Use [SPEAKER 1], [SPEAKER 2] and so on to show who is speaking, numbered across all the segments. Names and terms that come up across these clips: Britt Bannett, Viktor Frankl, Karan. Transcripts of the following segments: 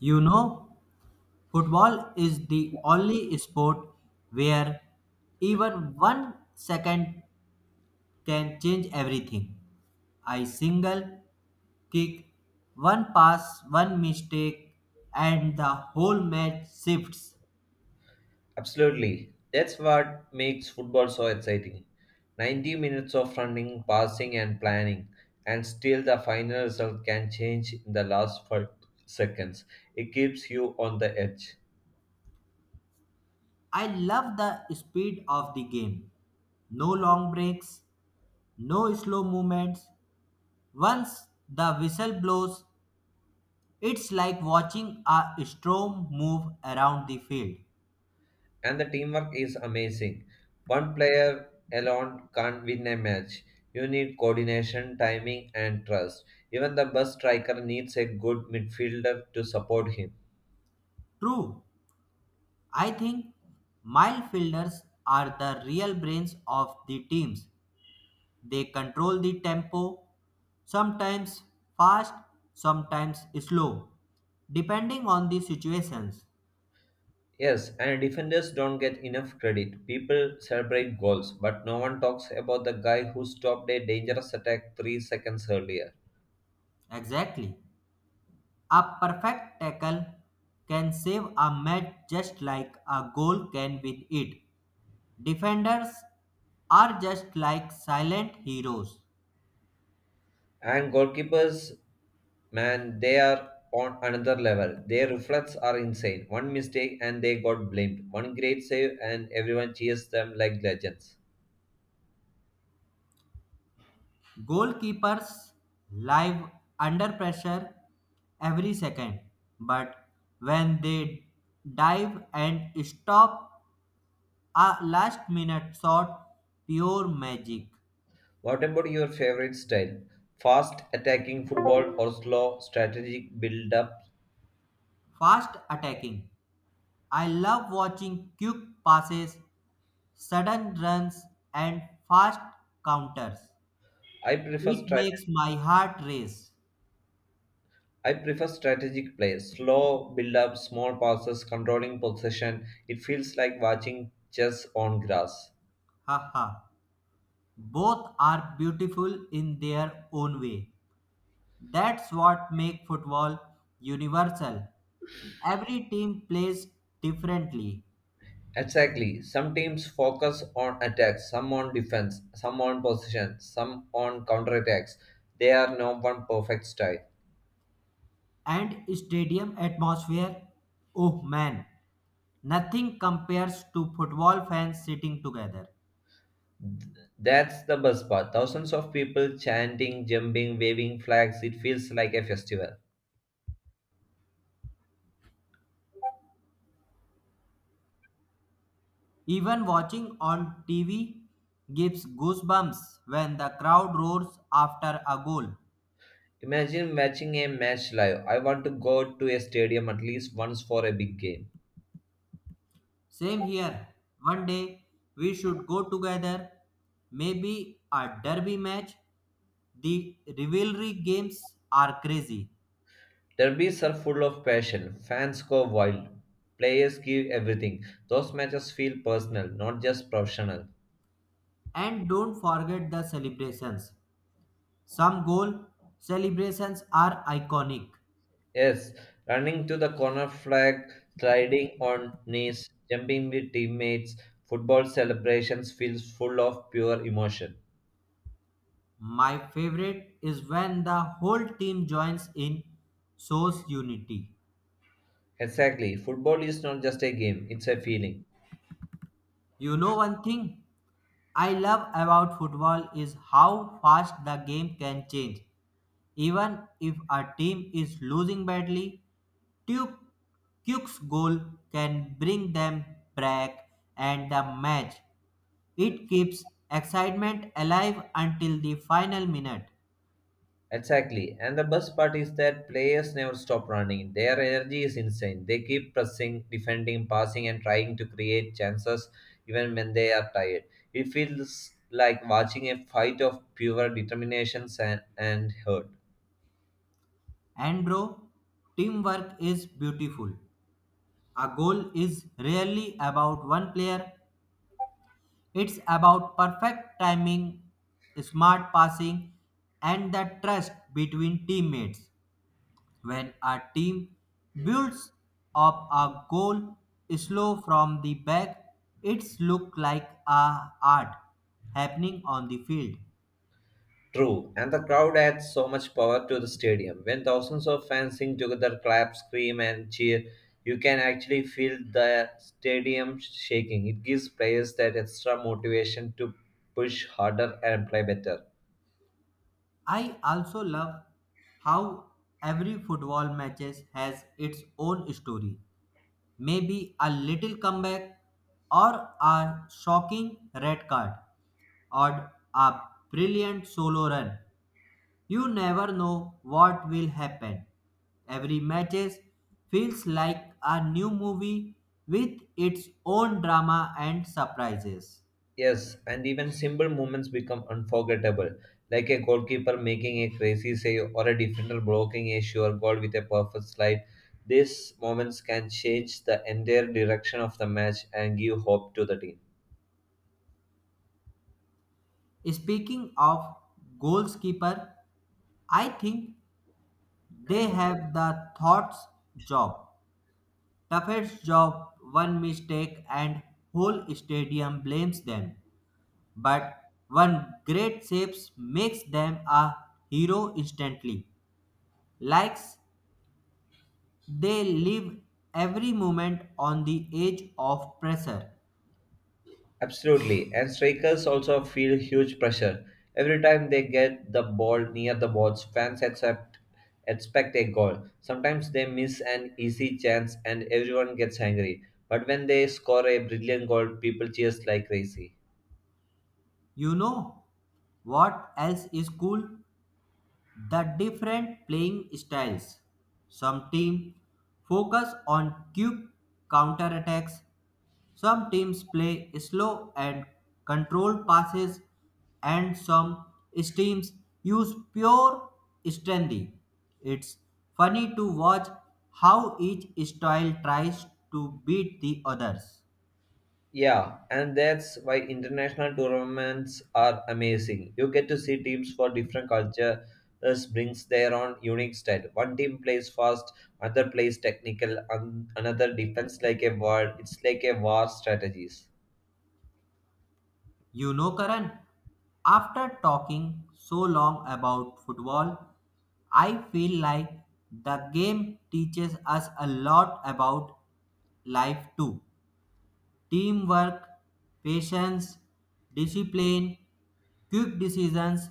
[SPEAKER 1] You know, football is the only sport where even one second can change everything. A single kick, one pass, one mistake, and the whole match shifts.
[SPEAKER 2] Absolutely. That's what makes football so exciting. 90 minutes of running, passing, and planning, and still the final result can change in the last 5 seconds. It keeps you on the edge.
[SPEAKER 1] I love the speed of the game. No long breaks, no slow movements. Once the whistle blows, it's like watching a storm move around the field.
[SPEAKER 2] And the teamwork is amazing. One player alone can't win a match. You need coordination, timing, and trust. Even the best striker needs a good midfielder to support him.
[SPEAKER 1] True. I think midfielders are the real brains of the teams. They control the tempo, sometimes fast, sometimes slow, depending on the situations.
[SPEAKER 2] Yes, and defenders don't get enough credit. People celebrate goals, but no one talks about the guy who stopped a dangerous attack 3 seconds earlier.
[SPEAKER 1] Exactly. A perfect tackle can save a match just like a goal can win it. Defenders are just like silent heroes.
[SPEAKER 2] And goalkeepers, man, they are on another level. Their reflexes are insane. One mistake and they got blamed. One great save and everyone cheers them like legends.
[SPEAKER 1] Goalkeepers live under pressure every second, but when they dive and stop a last minute shot, pure magic.
[SPEAKER 2] What about your favorite style? Fast attacking football or slow strategic build up?
[SPEAKER 1] Fast attacking. I love watching quick passes, sudden runs, and fast counters.
[SPEAKER 2] I prefer
[SPEAKER 1] It
[SPEAKER 2] strategy
[SPEAKER 1] makes my heart race.
[SPEAKER 2] I prefer strategic play, slow build up, small passes, controlling possession. It feels like watching chess on grass.
[SPEAKER 1] Haha. Both are beautiful in their own way. That's what makes football universal. Every team plays differently,
[SPEAKER 2] Exactly. Some teams focus on attacks, some on defense, some on possession, some on counterattacks. There are no one perfect style.
[SPEAKER 1] and stadium atmosphere, oh man, nothing compares to football fans sitting together.
[SPEAKER 2] That's the best part. Thousands of people chanting, jumping, waving flags. It feels like a festival.
[SPEAKER 1] Even watching on TV gives goosebumps when the crowd roars after a goal.
[SPEAKER 2] Imagine watching a match live. I want to go to a stadium at least once for a big game.
[SPEAKER 1] Same here. One day we should go together. Maybe a derby match. The rivalry games are crazy.
[SPEAKER 2] Derbies are full of passion. Fans go wild. Players give everything. Those matches feel personal, not just professional.
[SPEAKER 1] And don't forget the celebrations. Some goal celebrations are iconic.
[SPEAKER 2] Yes, running to the corner flag, sliding on knees, jumping with teammates, football celebrations feels full of pure emotion.
[SPEAKER 1] My favorite is when the whole team joins in, shows unity.
[SPEAKER 2] Exactly, football is not just a game, it's a feeling.
[SPEAKER 1] You know one thing I love about football is how fast the game can change. Even if a team is losing badly, Duke, Duke's goal can bring them back and the match. It keeps excitement alive until the final minute.
[SPEAKER 2] Exactly. And the best part is that players never stop running. Their energy is insane. They keep pressing, defending, passing, and trying to create chances even when they are tired. It feels like watching a fight of pure determination and hurt.
[SPEAKER 1] And bro, teamwork is beautiful. A goal is rarely about one player. It's about perfect timing, smart passing, and the trust between teammates. When a team builds up a goal slow from the back, it's look like a art happening on the field.
[SPEAKER 2] True. And the crowd adds so much power to the stadium. When thousands of fans sing together, clap, scream, and cheer, you can actually feel the stadium shaking. It gives players that extra motivation to push harder and play better.
[SPEAKER 1] I also love how every football matches has its own story, maybe a little comeback or a shocking red card or a brilliant solo run. You never know what will happen. Every match feels like a new movie with its own drama and surprises.
[SPEAKER 2] Yes, and even simple moments become unforgettable, like a goalkeeper making a crazy save or a defender blocking a sure goal with a perfect slide. These moments can change the entire direction of the match and give hope to the
[SPEAKER 1] Speaking of goalkeeper, I think they
[SPEAKER 2] team.
[SPEAKER 1] have the thoughts job. Toughest job, one mistake, and whole stadium blames them. But one great save makes them a hero instantly. Likes they live every moment on the edge of pressure.
[SPEAKER 2] Absolutely. And strikers also feel huge pressure. Every time they get the ball near the box, fans accept, expect a goal. Sometimes they miss an easy chance and everyone gets angry. But when they score a brilliant goal, people cheers like crazy.
[SPEAKER 1] You know what else is cool? The different playing styles. Some teams focus on quick counterattacks. Some teams play slow and controlled passes, and some teams use pure strength. It's funny to watch how each style tries to beat the others.
[SPEAKER 2] Yeah, and that's why international tournaments are amazing. You get to see teams for different cultures brings their own unique style. One team plays fast, another plays technical, and another defense like a world. It's like a war strategies.
[SPEAKER 1] You know, Karan, after talking so long about football, I feel like the game teaches us a lot about life too. Teamwork, patience, discipline, quick decisions,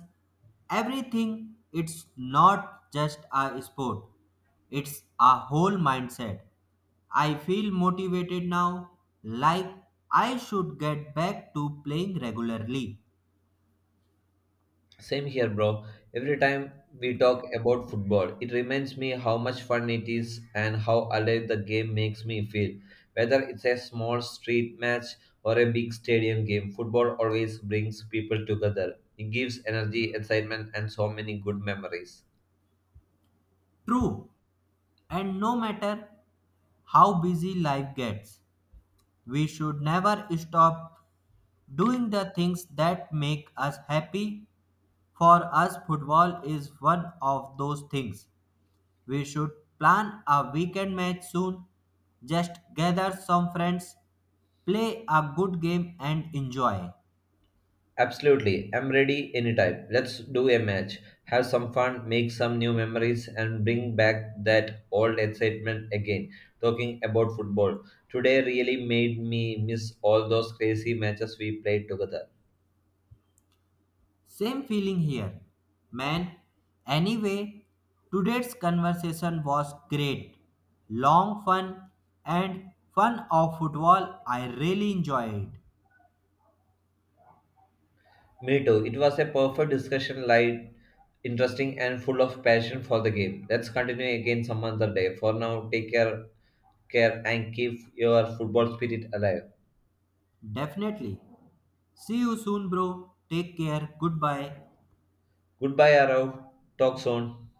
[SPEAKER 1] everything. It's not just a sport, it's a whole mindset. I feel motivated now, like I should get back to playing regularly.
[SPEAKER 2] Same here, bro. Every time we talk about football, it reminds me how much fun it is and how alive the game makes me feel. Whether it's a small street match or a big stadium game, football always brings people together. It gives energy, excitement, and so many good memories.
[SPEAKER 1] True. And no matter how busy life gets, we should never stop doing the things that make us happy. For us, football is one of those things. We should plan a weekend match soon. Just gather some friends, play a good game, and enjoy.
[SPEAKER 2] Absolutely. I'm ready anytime. Let's do a match. Have some fun, make some new memories, and bring back that old excitement again. Talking about football. Today really made me miss all those crazy matches we played together.
[SPEAKER 1] Same feeling here, man. Anyway, today's conversation was great. Long, fun, and fun of football. I really enjoyed.
[SPEAKER 2] Me too. It was a perfect discussion, light, interesting, and full of passion for the game. Let's continue again some other day. For now, take care, care and keep your football spirit alive.
[SPEAKER 1] Definitely. See you soon, bro. Take care. Goodbye.
[SPEAKER 2] Goodbye, Arav. Talk soon.